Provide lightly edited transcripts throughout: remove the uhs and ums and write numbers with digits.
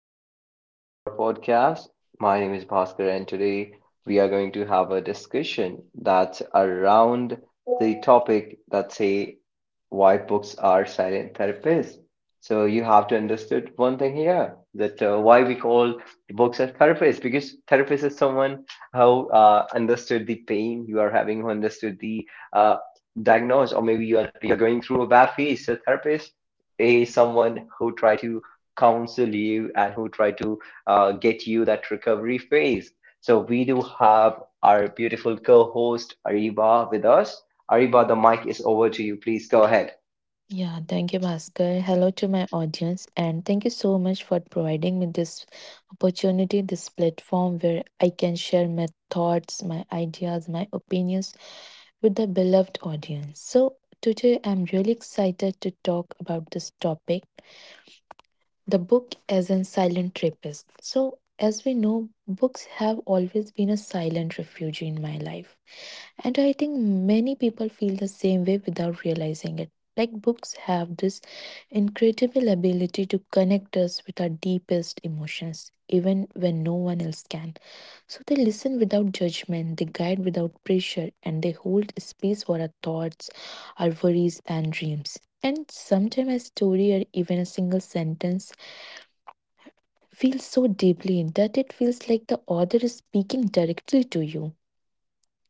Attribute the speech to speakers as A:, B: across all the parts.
A: welcome to our podcast. My name is Bhaskar, and today we are going to have a discussion that's around the topic that say why books are silent therapists. So you have to understood one thing here that why we call books as therapists, because therapist is someone who understood the pain you are having, who understood the diagnose, or maybe you're going through a bad phase. So therapist a someone who try to counsel you and who try to get you that recovery phase. So we do have our beautiful co-host Ariba with us. Ariba, the mic is over to you. Please go ahead.
B: Yeah, thank you, Bhaskar. Hello to my audience, and thank you so much for providing me this opportunity, this platform where I can share my thoughts, my ideas, my opinions with the beloved audience. So, today I'm really excited to talk about this topic the book as a silent rapist. So, as we know, books have always been a silent refuge in my life. And I think many people feel the same way without realizing it. Like books have this incredible ability to connect us with our deepest emotions, even when no one else can. So they listen without judgment, they guide without pressure, and they hold space for our thoughts, our worries, and dreams. And sometimes a story or even a single sentence feels so deeply that it feels like the author is speaking directly to you.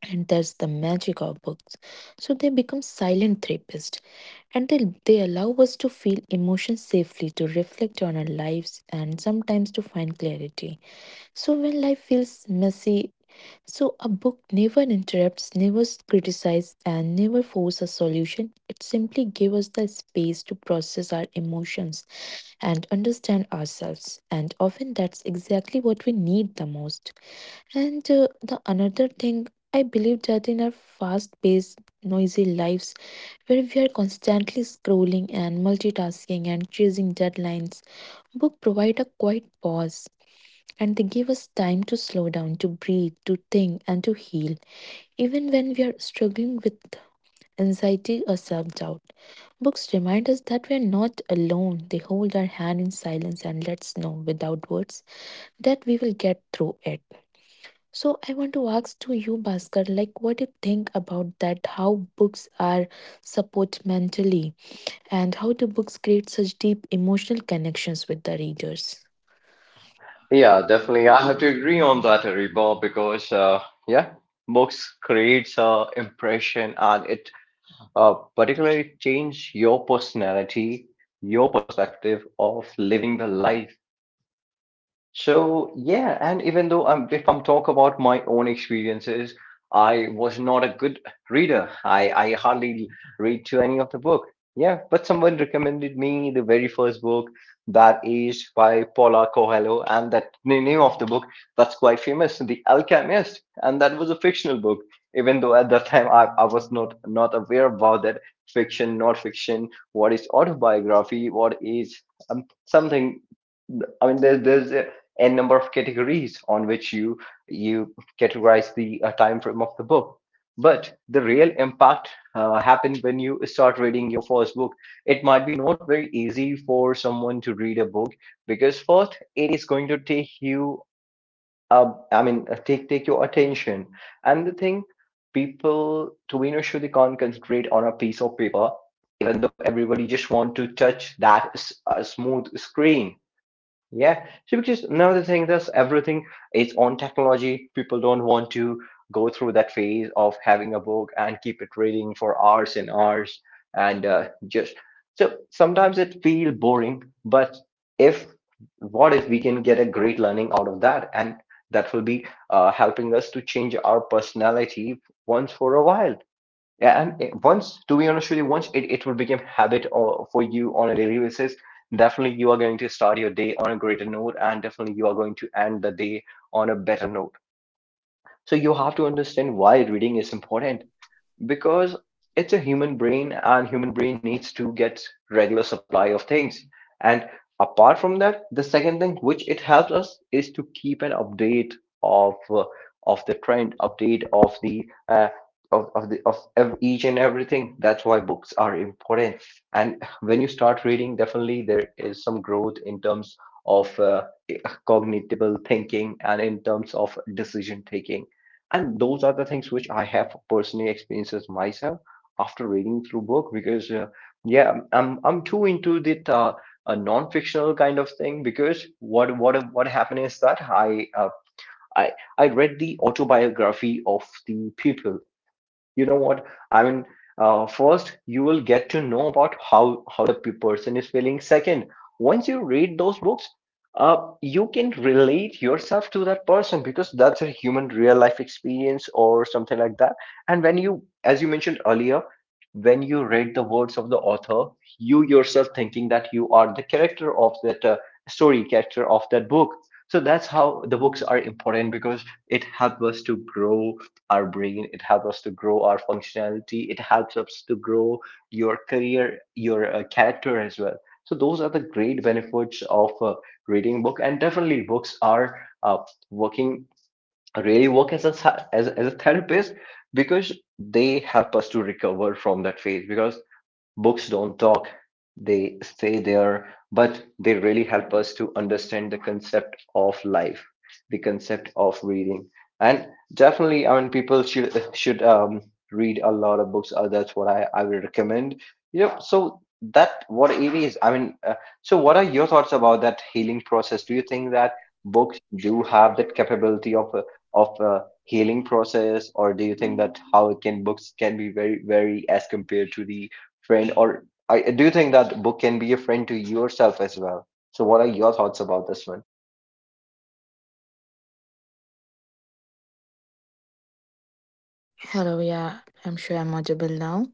B: And that's the magic of books. So they become silent therapists and they allow us to feel emotions safely, to reflect on our lives, and sometimes to find clarity. So when life feels messy, so a book never interrupts, never criticizes, and never forces a solution. It simply gives us the space to process our emotions and understand ourselves, and often that's exactly what we need the most. And the another thing, I believe that in our fast paced noisy lives, where we are constantly scrolling and multitasking and chasing deadlines, book provide a quiet pause, and they give us time to slow down, to breathe, to think, and to heal, even when we are struggling with anxiety or self doubt. Books remind us that we are not alone. They hold our hand in silence and let us know without words that we will get through it. So, I want to ask to you, Bhaskar, like what do you think about that? How books are support mentally, and how do books create such deep emotional connections with the readers?
A: Yeah, definitely. I have to agree on that, Ariba, because yeah, books creates a impression and it particularly change your personality, your perspective of living the life. So yeah, and even though if I'm talk about my own experiences, I was not a good reader. I hardly read to any of the book. Yeah, but someone recommended me the very first book that is by Paula Coelho, and that the name of the book that's quite famous, The Alchemist, and that was a fictional book. Even though at that time I was not aware about that fiction, not fiction, what is autobiography, what is something. I mean, there's n number of categories on which you categorize the time frame of the book, but the real impact happens when you start reading your first book. It might be not very easy for someone to read a book, because first it is going to take you, I mean, take your attention. And the thing, people to be honest, they can't concentrate on a piece of paper, even though everybody just want to touch that smooth screen. Yeah, so because now the thing is, everything is on technology. People don't want to go through that phase of having a book and keep it reading for hours and hours, and just, so sometimes it feel boring. But if what if we can get a great learning out of that, and that will be helping us to change our personality once for a while. Yeah, and once, to be honest with you, once it will become habit or for you on a daily basis, definitely you are going to start your day on a greater note, and definitely you are going to end the day on a better note. So you have to understand why reading is important, because it's a human brain and human brain needs to get regular supply of things. And apart from that, the second thing which it helps us is to keep an update of uh, of the trend, update of the each and everything. That's why books are important. And when you start reading, definitely there is some growth in terms of cognitable thinking and in terms of decision taking, and those are the things which I have personally experiences myself after reading through book. Because yeah, I'm too into the a non-fictional kind of thing, because what happened is that i I read the autobiography of the people. You know what I mean, first you will get to know about how the person is feeling. Second, once you read those books, you can relate yourself to that person, because that's a human real life experience or something like that. And when you, as you mentioned earlier, when you read the words of the author, you yourself thinking that you are the character of that story, character of that book. So that's how the books are important, because it helps us to grow our brain, it helps us to grow our functionality, it helps us to grow your career, your character as well. So those are the great benefits of reading book, and definitely books are uh, working really work as a as a therapist, because they help us to recover from that phase. Because books don't talk, they stay there, but they really help us to understand the concept of life, the concept of reading. And definitely, I mean, people should read a lot of books. That's what I would recommend. Yep. So that what it is. I mean, so what are your thoughts about that healing process? Do you think that books do have that capability of of a healing process, or do you think that how it can books can be very as compared to the friend or I do you think that book can be a friend to yourself as well? So what are your thoughts about this one?
B: Hello, yeah, I'm sure I'm audible now.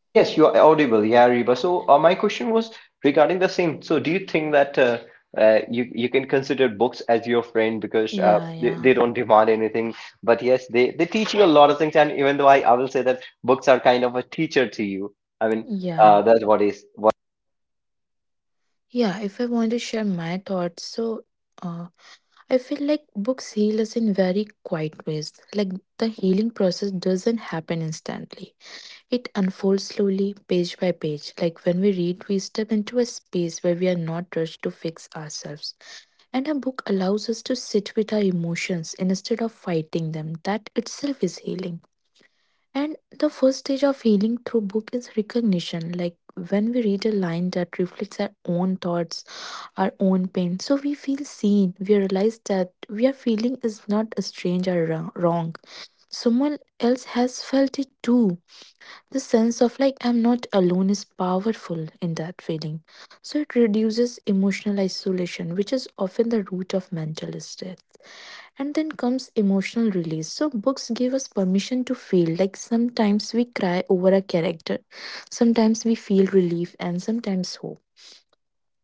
A: Yes, you're audible. Yeah, Reba. So my question was regarding the same. So do you think that you can consider books as your friend, because
B: Yeah, yeah,
A: they don't demand anything, but yes, they teach you a lot of things. And even though I will say that books are kind of a teacher to you. I mean,
B: yeah.
A: that's what is what.
B: Yeah, if I want to share my thoughts, so uh, I feel like books heal us in very quiet ways. Like the healing process doesn't happen instantly, it unfolds slowly, page by page. Like when we read, we step into a space where we are not rushed to fix ourselves. And a book allows us to sit with our emotions instead of fighting them. That itself is healing. And the first stage of healing through book is recognition. Like when we read a line that reflects our own thoughts, our own pain, so we feel seen. We realize that we are feeling is not a strange or wrong. Someone else has felt it too. The sense of like I'm not alone is powerful in that feeling. So it reduces emotional isolation, which is often the root of mental stress. And then comes emotional release. So, books give us permission to feel. Like sometimes we cry over a character, sometimes we feel relief, and sometimes hope.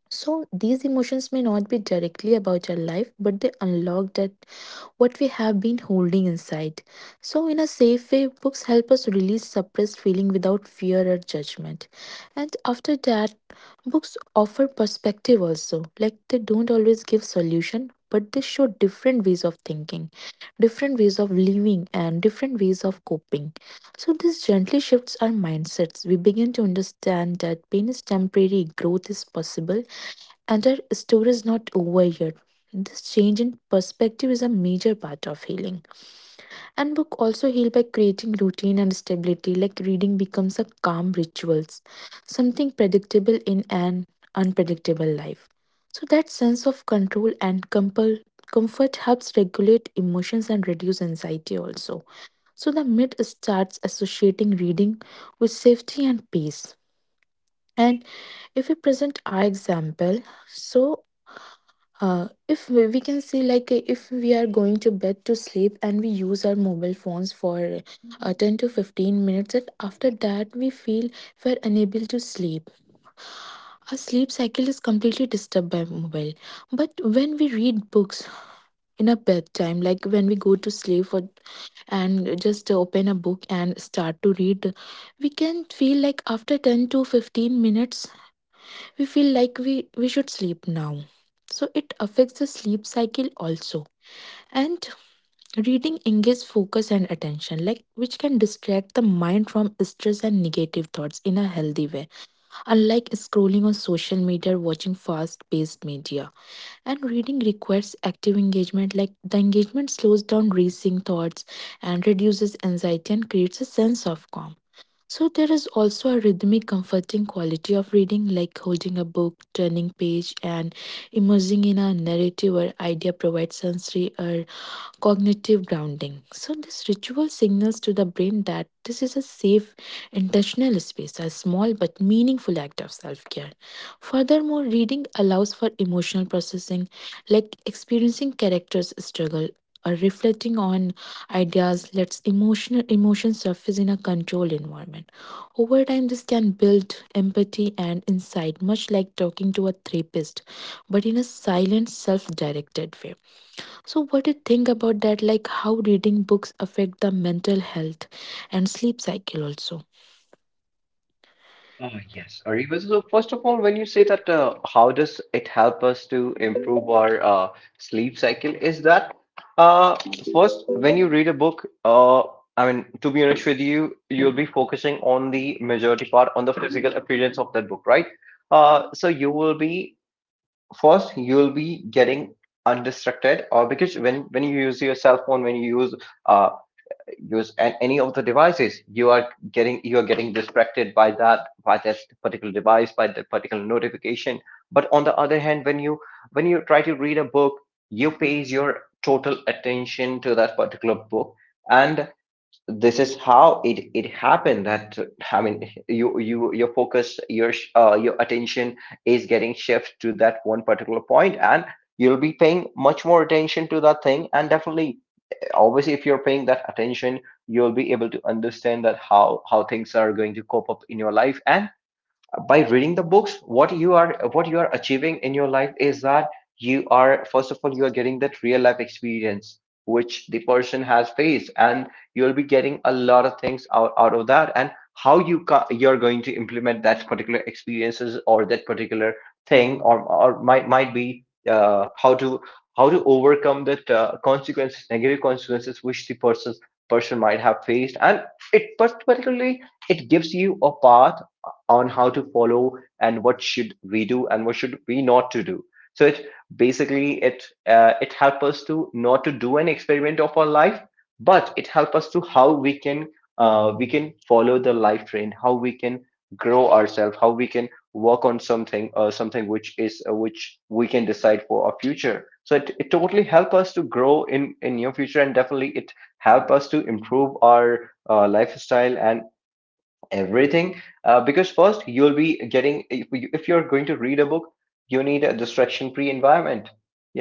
B: So these emotions may not be directly about our life, but they unlock that what we have been holding inside. So in a safe way, books help us release suppressed feeling without fear or judgment. And after that, books offer perspective also. Like they don't always give solution, but they show different ways of thinking, different ways of living, and different ways of coping. So this gently shifts our mindsets. We begin to understand that pain is temporary, growth is possible, and our story is not over yet. This change in perspective is a major part of healing. And book also heal by creating routine and stability, like reading becomes a calm rituals, something predictable in an unpredictable life. So that sense of control and compel comfort helps regulate emotions and reduce anxiety also. So the myth starts associating reading with safety and peace. And if we present our example, so if we we can say, like, if we are going to bed to sleep and we use our mobile phones for 10 to 15 minutes, and after that we feel we're unable to sleep, our sleep cycle is completely disturbed by mobile. But when we read books in a bedtime, like when we go to sleep for and just open a book and start to read, we can feel like after 10 to 15 minutes we feel like we should sleep now. So it affects the sleep cycle also. And reading engages focus and attention, like which can distract the mind from stress and negative thoughts in a healthy way. Unlike scrolling on social media or watching fast-paced media. And reading requires active engagement, like the engagement slows down racing thoughts and reduces anxiety and creates a sense of calm. So there is also a rhythmic comforting quality of reading, like holding a book, turning page, and immersing in a narrative or idea provides sensory or cognitive grounding. So, this ritual signals to the brain that this is a safe, intentional space, a small but meaningful act of self care. Furthermore, reading allows for emotional processing, like experiencing characters' struggle or reflecting on ideas lets emotional emotions surface in a controlled environment. Over time this can build empathy and insight, much like talking to a therapist, but in a silent self-directed way. So, what do you think about that? Like how reading books affect the mental health and sleep cycle also?
A: Yes, Ariba. So first of all, when you say that, how does it help us to improve our sleep cycle? Is that uh, first when you read a book? I mean, to be honest with you, you'll be focusing on the majority part on the physical appearance of that book, right? So you will be first, you'll be getting undistracted, or because when you use your cell phone, when you uh, use any of the devices, you are getting distracted by that particular device, by that particular notification. But on the other hand, when you try to read a book, you pay your total attention to that particular book. And this is how it happened that, I mean, your focus, your attention is getting shift to that one particular point, and you'll be paying much more attention to that thing. And definitely, obviously, if you're paying that attention, you'll be able to understand that how things are going to cope up in your life. And by reading the books, what you are achieving in your life is that you are, first of all, you are getting that real life experience which the person has faced. And you'll be getting a lot of things out of that. And how you you're going to implement that particular experiences, or that particular thing, or might be, how to overcome that consequences negative consequences which the person might have faced. And it particularly, it gives you a path on how to follow and what should we do and what should we not to do. So it basically, it helps us to not to do an experiment of our life, but it helps us to how we can follow the life trend, how we can grow ourselves, how we can work on something, something which is which we can decide for our future. So it totally help us to grow in your future, and definitely it help us to improve our lifestyle and everything. Because first you'll be getting, if you're going to read a book, you need a distraction free environment.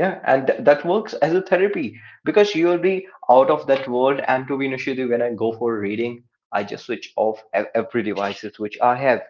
A: Yeah, and that works as a therapy, because you'll be out of that world. And to be honest with you, when I go for reading, I just switch off every devices which I have.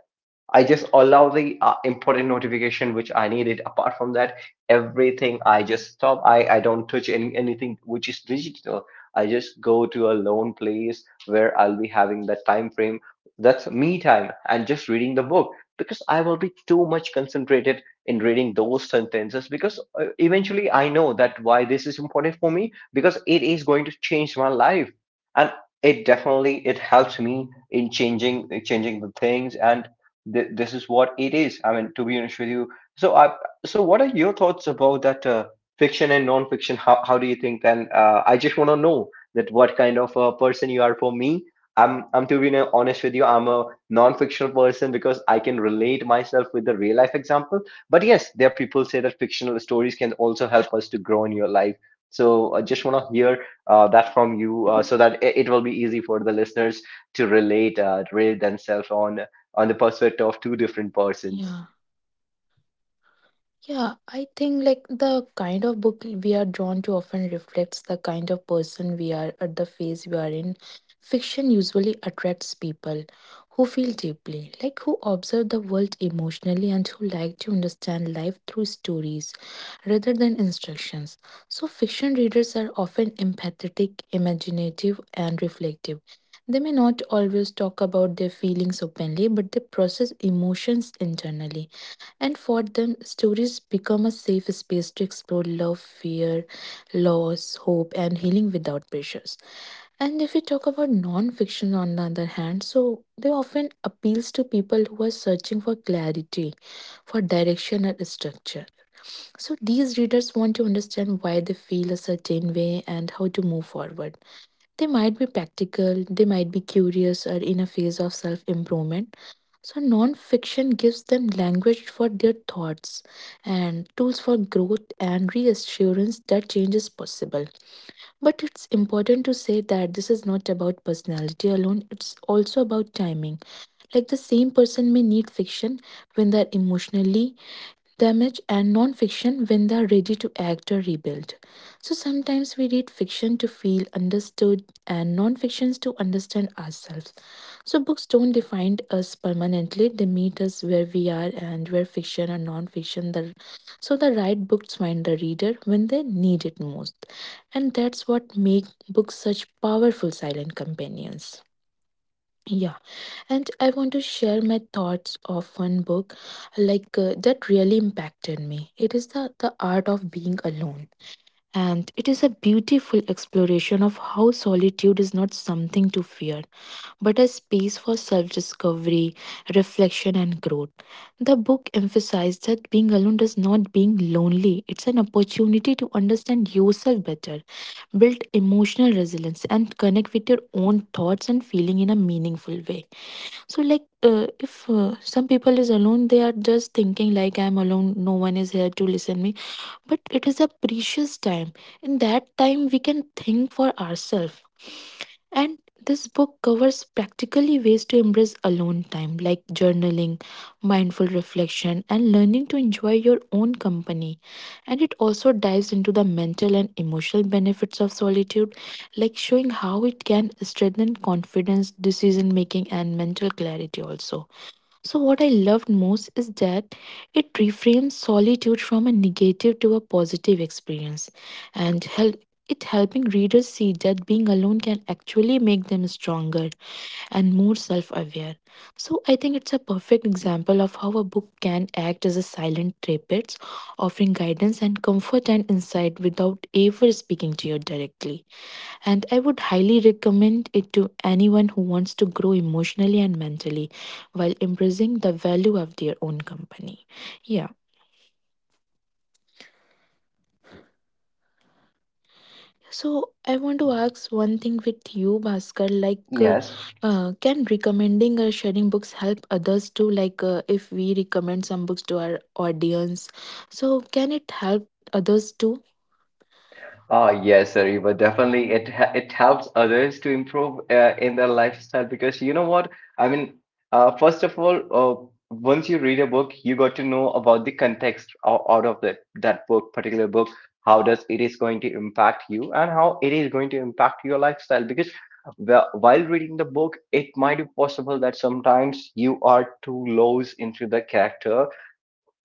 A: I just allow the important notification which I need it. Apart from that, everything I just stop. I don't touch anything which is digital. I just go to a lone place where I'll be having that time frame. That's me time, and just reading the book, because I will be too much concentrated in reading those sentences. Because eventually I know that why this is important for me, because it is going to change my life. And it definitely it helps me in changing the things. And this is what it is. I mean, to be honest with you. So, so what are your thoughts about that fiction and non-fiction? How do you think? Then I just want to know that what kind of a person you are. For me, I'm to be honest with you, I'm a non-fictional person, because I can relate myself with the real life example. But yes, there are people say that fictional stories can also help us to grow in your life. So I just want to hear that from you so that it will be easy for the listeners to relate relate themselves on the perspective of two different persons.
B: Yeah. Yeah, I think like the kind of book we are drawn to often reflects the kind of person we are at the phase we are in. Fiction usually attracts people who feel deeply, like who observe the world emotionally and who like to understand life through stories rather than instructions. So, fiction readers are often empathetic, imaginative, and reflective. They may not always talk about their feelings openly, but they process emotions internally, and for them, stories become a safe space to explore love, fear, loss, hope, and healing without pressures. And if we talk about non-fiction on the other hand, so they often appeals to people who are searching for clarity, for direction and structure. So these readers want to understand why they feel a certain way and how to move forward. They might be practical, they might be curious or in a phase of self improvement. So, non fiction gives them language for their thoughts and tools for growth and reassurance that change is possible. But it's important to say that this is not about personality alone, it's also about timing. Like the same person may need fiction when they're emotionally damage, and non-fiction when they are ready to act or rebuild. So sometimes we read fiction to feel understood and non-fictions to understand ourselves. So books don't define us permanently, they meet us where we are, and where fiction or non-fiction the, so the right books find the reader when they need it most, and that's what make books such powerful silent companions. Yeah, and I want to share my thoughts of one book, like that really impacted me. It is the art of being alone, and it is a beautiful exploration of how solitude is not something to fear, but a space for self discovery, reflection, and growth. The book emphasized that being alone does not being lonely, it's an opportunity to understand yourself better, build emotional resilience, and connect with your own thoughts and feeling in a meaningful way. So like, if some people is alone, they are just thinking like I'm alone, no one is here to listen me. But it is a precious time, in that time we can think for ourselves. And this book covers practically ways to embrace alone time, like journaling, mindful reflection, and learning to enjoy your own company. And it also dives into the mental and emotional benefits of solitude, like showing how it can strengthen confidence, decision making, and mental clarity also. So, what I loved most is that it reframes solitude from a negative to a positive experience, and it helping readers see that being alone can actually make them stronger and more self aware. So, I think it's a perfect example of how a book can act as a silent therapist, offering guidance and comfort and insight without ever speaking to you directly, and I would highly recommend it to anyone who wants to grow emotionally and mentally while embracing the value of their own company. Yeah. So I want to
A: Y-
B: ask one thing with you, Bhaskar. Like,
A: Yes.
B: can recommending or sharing books help others too? Like, if we recommend some books to our audience, so can it help others too?
A: Ah, yes, Ariba, definitely. It helps others to improve in their lifestyle because you know what? I mean, First of all, once you read a book, you got to know about the context out of that book, particular book. How does it is going to impact you, and how it is going to impact your lifestyle? Because while reading the book, it might be possible that sometimes you are too lost into the character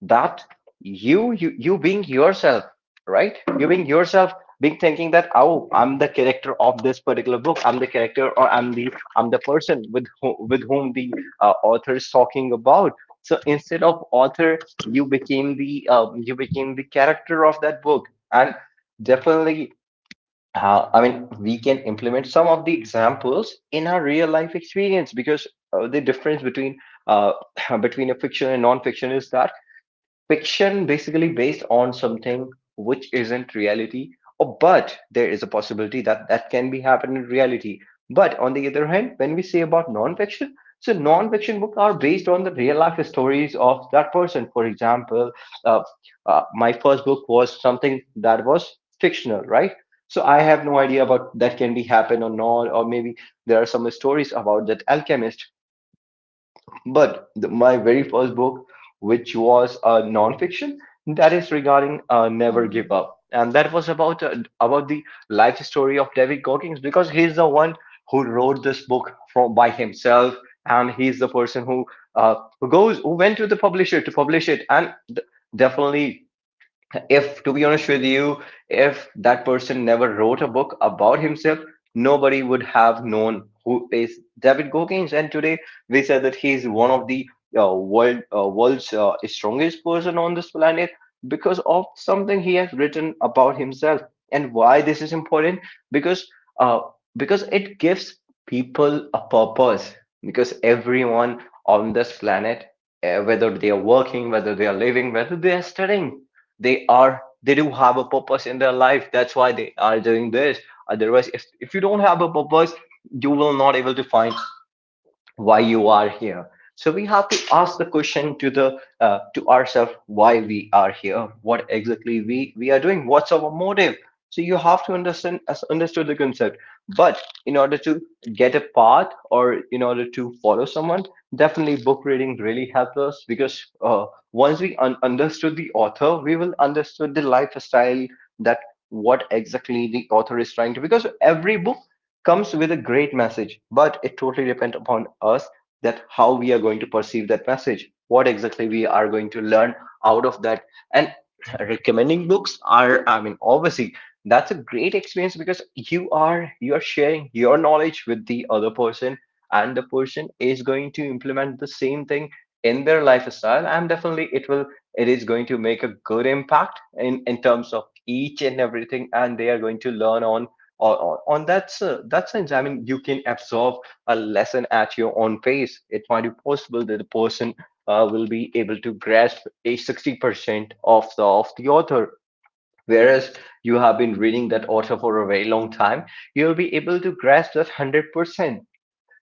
A: that you being yourself, right, you being yourself, being thinking that, oh, I'm the character of this particular book, I'm the character, or I'm the, I'm the person with whom the author is talking about. So instead of author, you became the character of that book. And definitely, we can implement some of the examples in our real life experience. Because the difference between uh, between a fiction and non-fiction is that fiction basically based on something which isn't reality, or but there is a possibility that that can be happen in reality. But on the other hand, when we say about non-fiction, so non-fiction books are based on the real life stories of that person. For example, uh, my first book was something that was fictional, right? So I have no idea about that can be happen or not, or maybe there are some stories about that alchemist. But the, my very first book, which was a nonfiction, that is regarding Never Give Up, and that was about the life story of David Goggins, because he's the one who wrote this book from by himself, and he's the person who goes who went to the publisher to publish it, and definitely, if to be honest with you, if that person never wrote a book about himself, nobody would have known who is David Goggins. And today we said that he is one of the world's strongest person on this planet because of something he has written about himself. And why this is important? Because uh, because it gives people a purpose. Because everyone on this planet, whether they are working, whether they are living, whether they are studying, they do have a purpose in their life. That's why they are doing this. Otherwise, if you don't have a purpose, you will not able to find why you are here. So we have to ask the question to the to ourselves, why we are here, what exactly we are doing, what's our motive. So you have to understand, as understood the concept. But in order to get a path, or in order to follow someone, definitely book reading really helps us. Because once we understood the author, we will understood the lifestyle, that what exactly the author is trying to. Because every book comes with a great message, but it totally depends upon us that how we are going to perceive that message, what exactly we are going to learn out of that. And recommending books are, I mean, obviously that's a great experience, because you are sharing your knowledge with the other person, and the person is going to implement the same thing in their lifestyle. And definitely it will, it is going to make a good impact in terms of each and everything, and they are going to learn on, or on that that sense. I mean, you can absorb a lesson at your own pace. It might be possible that the person will be able to grasp a 60% of the author, whereas you have been reading that author for a very long time, you'll be able to grasp that 100%.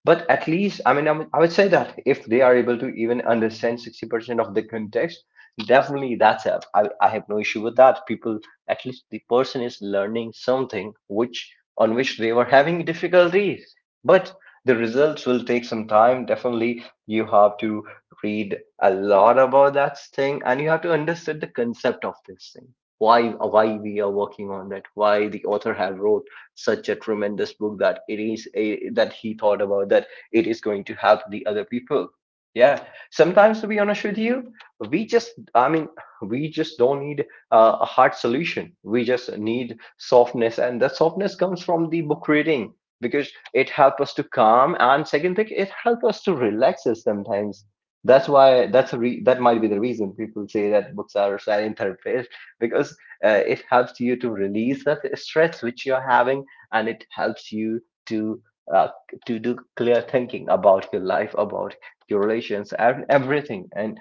A: But at least, I mean, I would say that if they are able to even understand 60% of the context, definitely that's up. I have no issue with that people. At least the person is learning something which, on which they were having difficulties. But the results will take some time. Definitely you have to read a lot about that thing, and you have to understand the concept of this thing. why why we are working on that, why the author have wrote such a tremendous book, that it is a, that he thought about that it is going to help the other people. Yeah, sometimes, to be honest with you, we just i mean we just don't need a hard solution, we just need softness, and that softness comes from the book reading. Because it helps us to calm, and second thing, it helps us to relax us sometimes. That's why, that might be the reason people say that books are a silent therapist. Because it helps you to release that stress which you're having, and it helps you to uh, to do clear thinking about your life, about your relations, and everything. And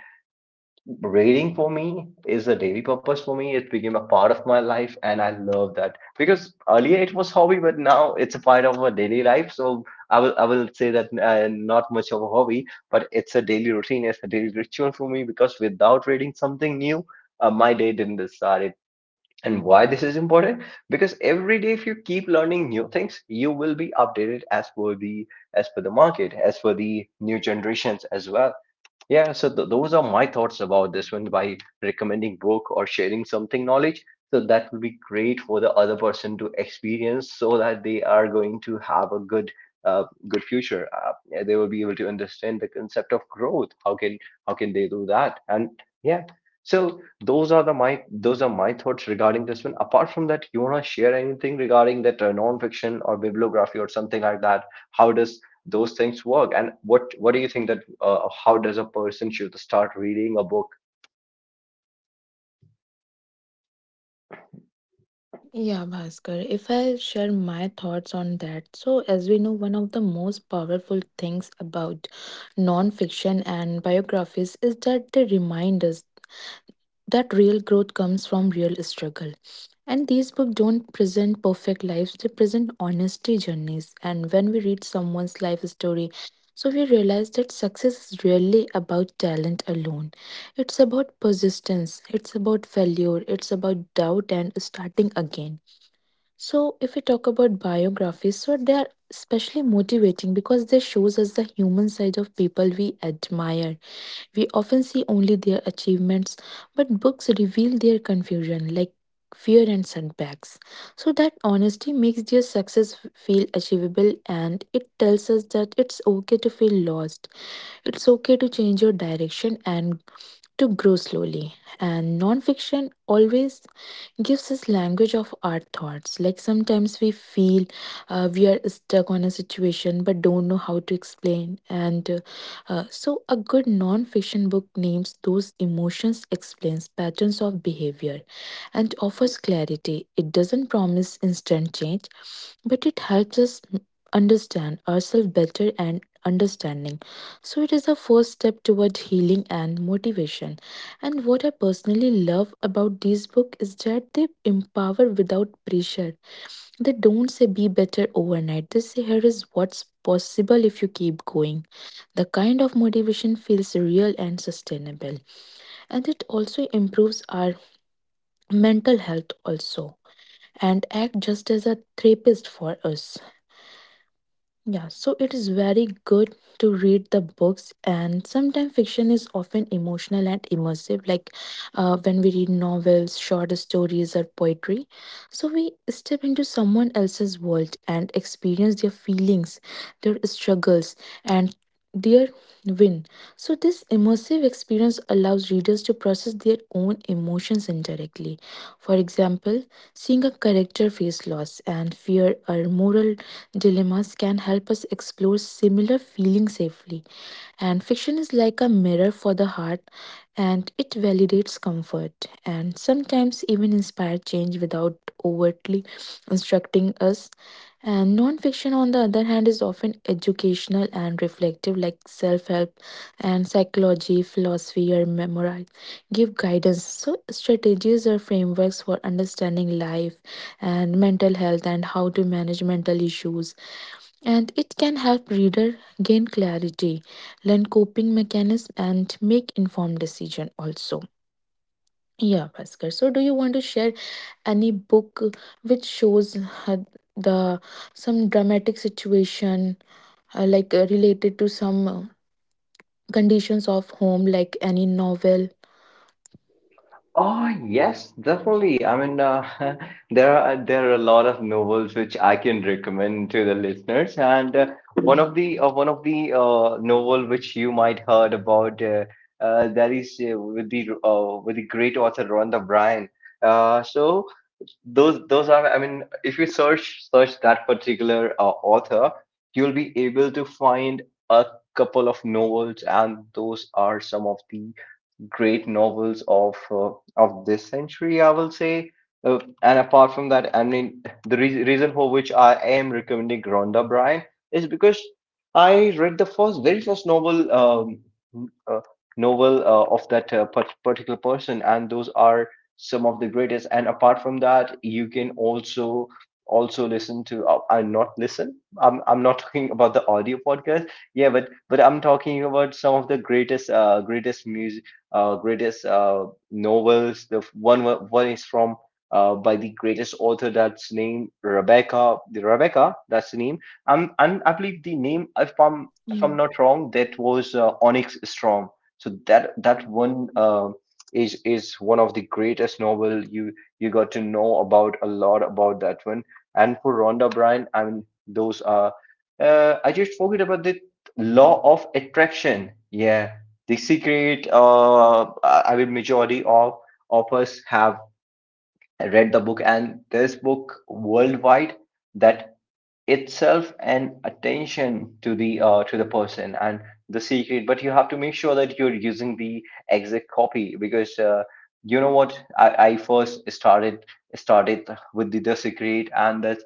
A: reading for me is a daily purpose for me. It became a part of my life, and I love that, because earlier it was hobby, but now it's a part of our daily life. So I will say that not much of a hobby, but it's a daily routine, it's a daily ritual for me, because without reading something new, my day didn't start. And why this is important? Because every day, if you keep learning new things, you will be updated as per the, as per the market, as per the new generations as well. Yeah, so those are my thoughts about this one, by recommending book or sharing something knowledge. So that will be great for the other person to experience, so that they are going to have a good uh, good future. Yeah, they will be able to understand the concept of growth. How can, how can they do that? And yeah, so those are the my those are my thoughts regarding this one. Apart from that, you wanna share anything regarding that nonfiction or bibliography or something like that? How does those things work, and what do you think that how does a person should start reading a book?
B: Yeah, Bhaskar, if I share my thoughts on that, so as we know, one of the most powerful things about non-fiction and biographies is that they remind us that real growth comes from real struggle. And these books don't present perfect lives, they present honesty journeys. And when we read someone's life story, so we realize that success is really about talent alone. It's about persistence, it's about failure, it's about doubt and starting again. So if we talk about biographies, so they are especially motivating because they shows us the human side of people we admire. We often see only their achievements, but books reveal their confusion, like fear and setbacks. So that honesty makes their success feel achievable and it tells us that it's okay to feel lost. It's okay to change your direction and to grow slowly. And non-fiction always gives us language of our thoughts like sometimes we feel we are stuck on a situation but don't know how to explain and so a good non-fiction book names those emotions, explains patterns of behavior and offers clarity. It doesn't promise instant change but it helps us understand ourselves better, and understanding. So it is the first step toward healing and motivation. And what I personally love about these books is that they empower without pressure. They don't say be better overnight. They say here is what's possible if you keep going. The kind of motivation feels real and sustainable. And it also improves our mental health also and act just as a therapist for us. Yeah, so it is very good to read the books, and sometimes fiction is often emotional and immersive, like when we read novels, short stories, or poetry. So we step into someone else's world and experience their feelings, their struggles, and their win. So this immersive experience allows readers to process their own emotions indirectly. For example, seeing a character face loss and fear or moral dilemmas can help us explore similar feelings safely. And fiction is like a mirror for the heart and it validates comfort and sometimes even inspire change without overtly instructing us. And non-fiction, on the other hand, is often educational and reflective, like self-help and psychology, philosophy, or memoir give guidance. So strategies or frameworks for understanding life and mental health and how to manage mental issues. And it can help reader gain clarity, learn coping mechanism and make informed decision also. Yeah, Bhaskar, so do you want to share any book which shows uh, the some dramatic situation, like related to some conditions of home, like any novel?
A: Oh yes, definitely. I mean, there are a lot of novels which I can recommend to the listeners. And one of the novel which you might heard about that is with the great author Rhonda Bryan. So those are, I mean, if you search that particular author, you'll be able to find a couple of novels, and those are some of the great novels of this century, I will say. And apart from that, I mean, the reason for which I am recommending Rhonda Bryan is because I read the first, very first novel, uh, novel of that particular person, and those are some of the greatest. And apart from that, you can also also listen to. I not listen. I'm not talking about the audio podcast. Yeah, but I'm talking about some of the greatest greatest music greatest novels. The one is from by the greatest author that's named Rebecca. The Rebecca, that's the name. And I believe the name, if I'm if
B: Yeah.
A: I'm not wrong, that was Onyx Storm. So that that one is one of the greatest novel. You got to know about a lot about that one. And for Rhonda Bryan, I mean those are. I just forget about the law of attraction. Yeah. The secret, I mean majority of us have read the book, and this book worldwide that itself an attention to the person and the secret. But you have to make sure that you're using the exact copy because you know what, I first started with the secret, and the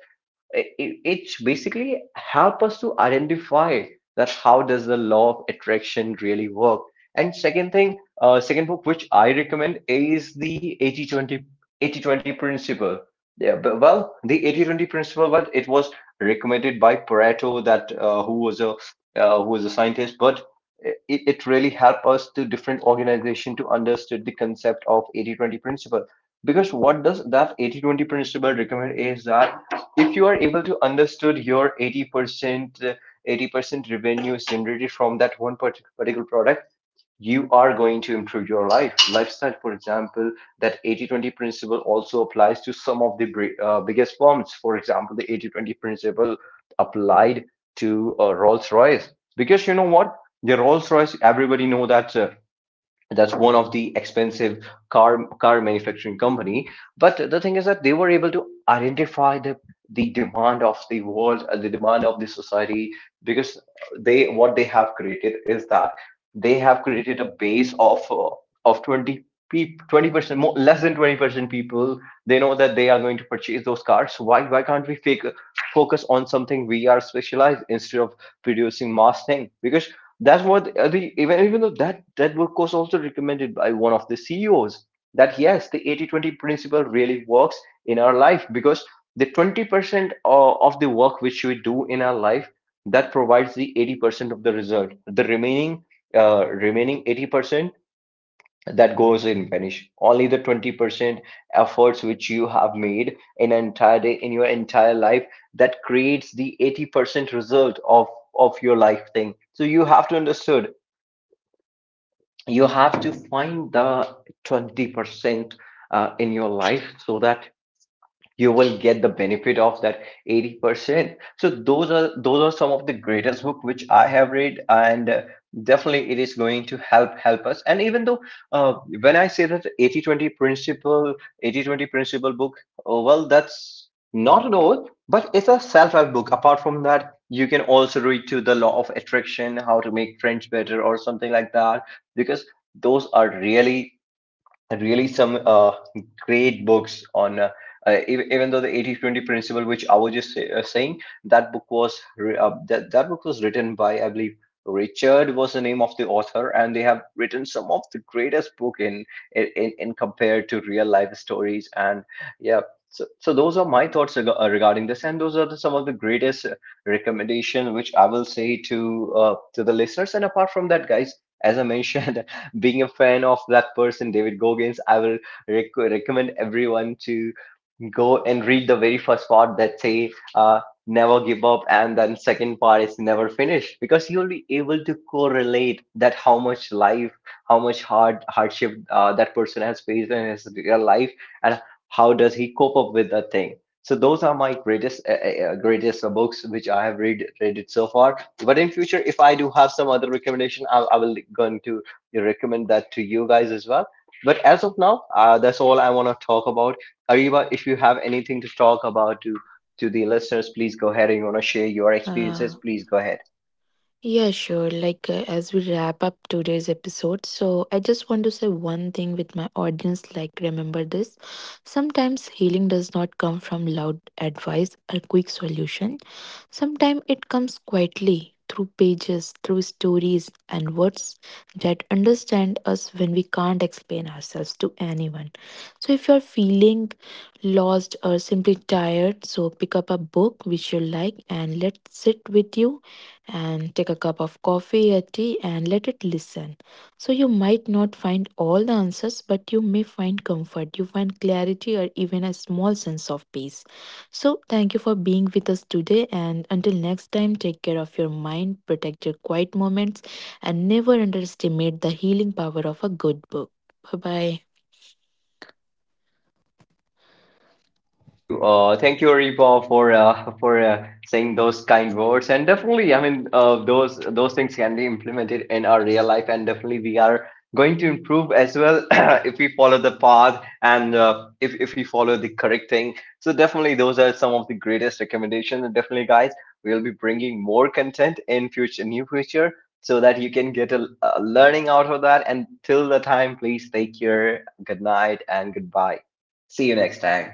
A: it's basically help us to identify that how does the law of attraction really work. And second thing, second book which I recommend is the 80-20 80-20 principle. Yeah, but, well, the 80-20 principle, but it was recommended by Pareto, that who was a scientist. But it really helped us to different organization to understand the concept of 80-20 principle. Because what does that 80-20 principle recommend is that if you are able to understood your 80%, 80% revenue is generated from that one particular product, you are going to improve your lifestyle, for example. That 80-20 principle also applies to some of the biggest firms. For example, the 80-20 principle applied to Rolls Royce, because you know what, the Rolls Royce, everybody know that that's one of the expensive car manufacturing company. But the thing is that they were able to identify the demand of the world, the demand of the society, because they, what they have created is that they have created a base of 20 people, 20%, more less than 20% people, they know that they are going to purchase those cars. So why can't we focus on something we are specialized, instead of producing mass thing? Because that's what, the even though that book was also recommended by one of the CEOs, that yes, the 80-20 principle really works in our life. Because the 20% of the work which we do in our life, that provides the 80% of the result. The remaining remaining 80%, that goes in vanish. Only the 20% efforts which you have made in an entire day in your entire life, that creates the 80% result of your life thing. So you have to understood. You have to find the 20% in your life, so that you will get the benefit of that 80%. So those are some of the greatest book which I have read. And definitely it is going to help us. And even though uh, when I say that 80-20 principle, 80-20 principle book, oh well, that's not an oath, but it's a self-help book. Apart from that, you can also read to the law of attraction, how to make friends better, or something like that. Because those are really really some great books on even though the 80-20 principle, which I was just saying, that book was that, that book was written by, I believe, Richard was the name of the author. And they have written some of the greatest book in compared to real life stories. And yeah, so those are my thoughts regarding this. And those are some of the greatest recommendation which I will say to the listeners. And apart from that, guys, as I mentioned, being a fan of that person, David Goggins, I will recommend everyone to go and read the very first part that say never give up, and then second part is never finish. Because you'll be able to correlate that how much life, how much hardship that person has faced in his real life, and how does he cope up with that thing. So those are my greatest greatest books which I have read it so far. But in future, if I do have some other recommendation, I will going to recommend that to you guys as well. But as of now, that's all I want to talk about. Ariba, if you have anything to talk about to the listeners, please go ahead. And you want to share your
B: Uh,
A: experiences, please go ahead.
B: yeah, sure. Like, as we wrap up today's episode, so I just want to say one thing with my audience. Like, remember this, sometimes healing does not come from loud advice or quick solution. Sometimes it comes quietly through pages, through stories and words that understand us when we can't explain ourselves to anyone. So if you're feeling lost or simply tired, so pick up a book which you like and let sit with you and take a cup of coffee or tea and let it listen. So you might not find all the answers, but you may find comfort, you find clarity or even a small sense of peace. So, thank you for being with us today. And until next time, take care of your mind, protect your quiet moments, and never underestimate the healing power of a good book. Bye bye.
A: Thank you. Thank you, Reepa, for saying those kind words. And definitely, I mean, those things can be implemented in our real life, and definitely we are going to improve as well if we follow the path, and if we follow the correct thing. So definitely, those are some of the greatest recommendations. And definitely, guys, we'll be bringing more content in future, new future, so that you can get a learning out of that. And till the time, please take care. Good night and goodbye. See you next time.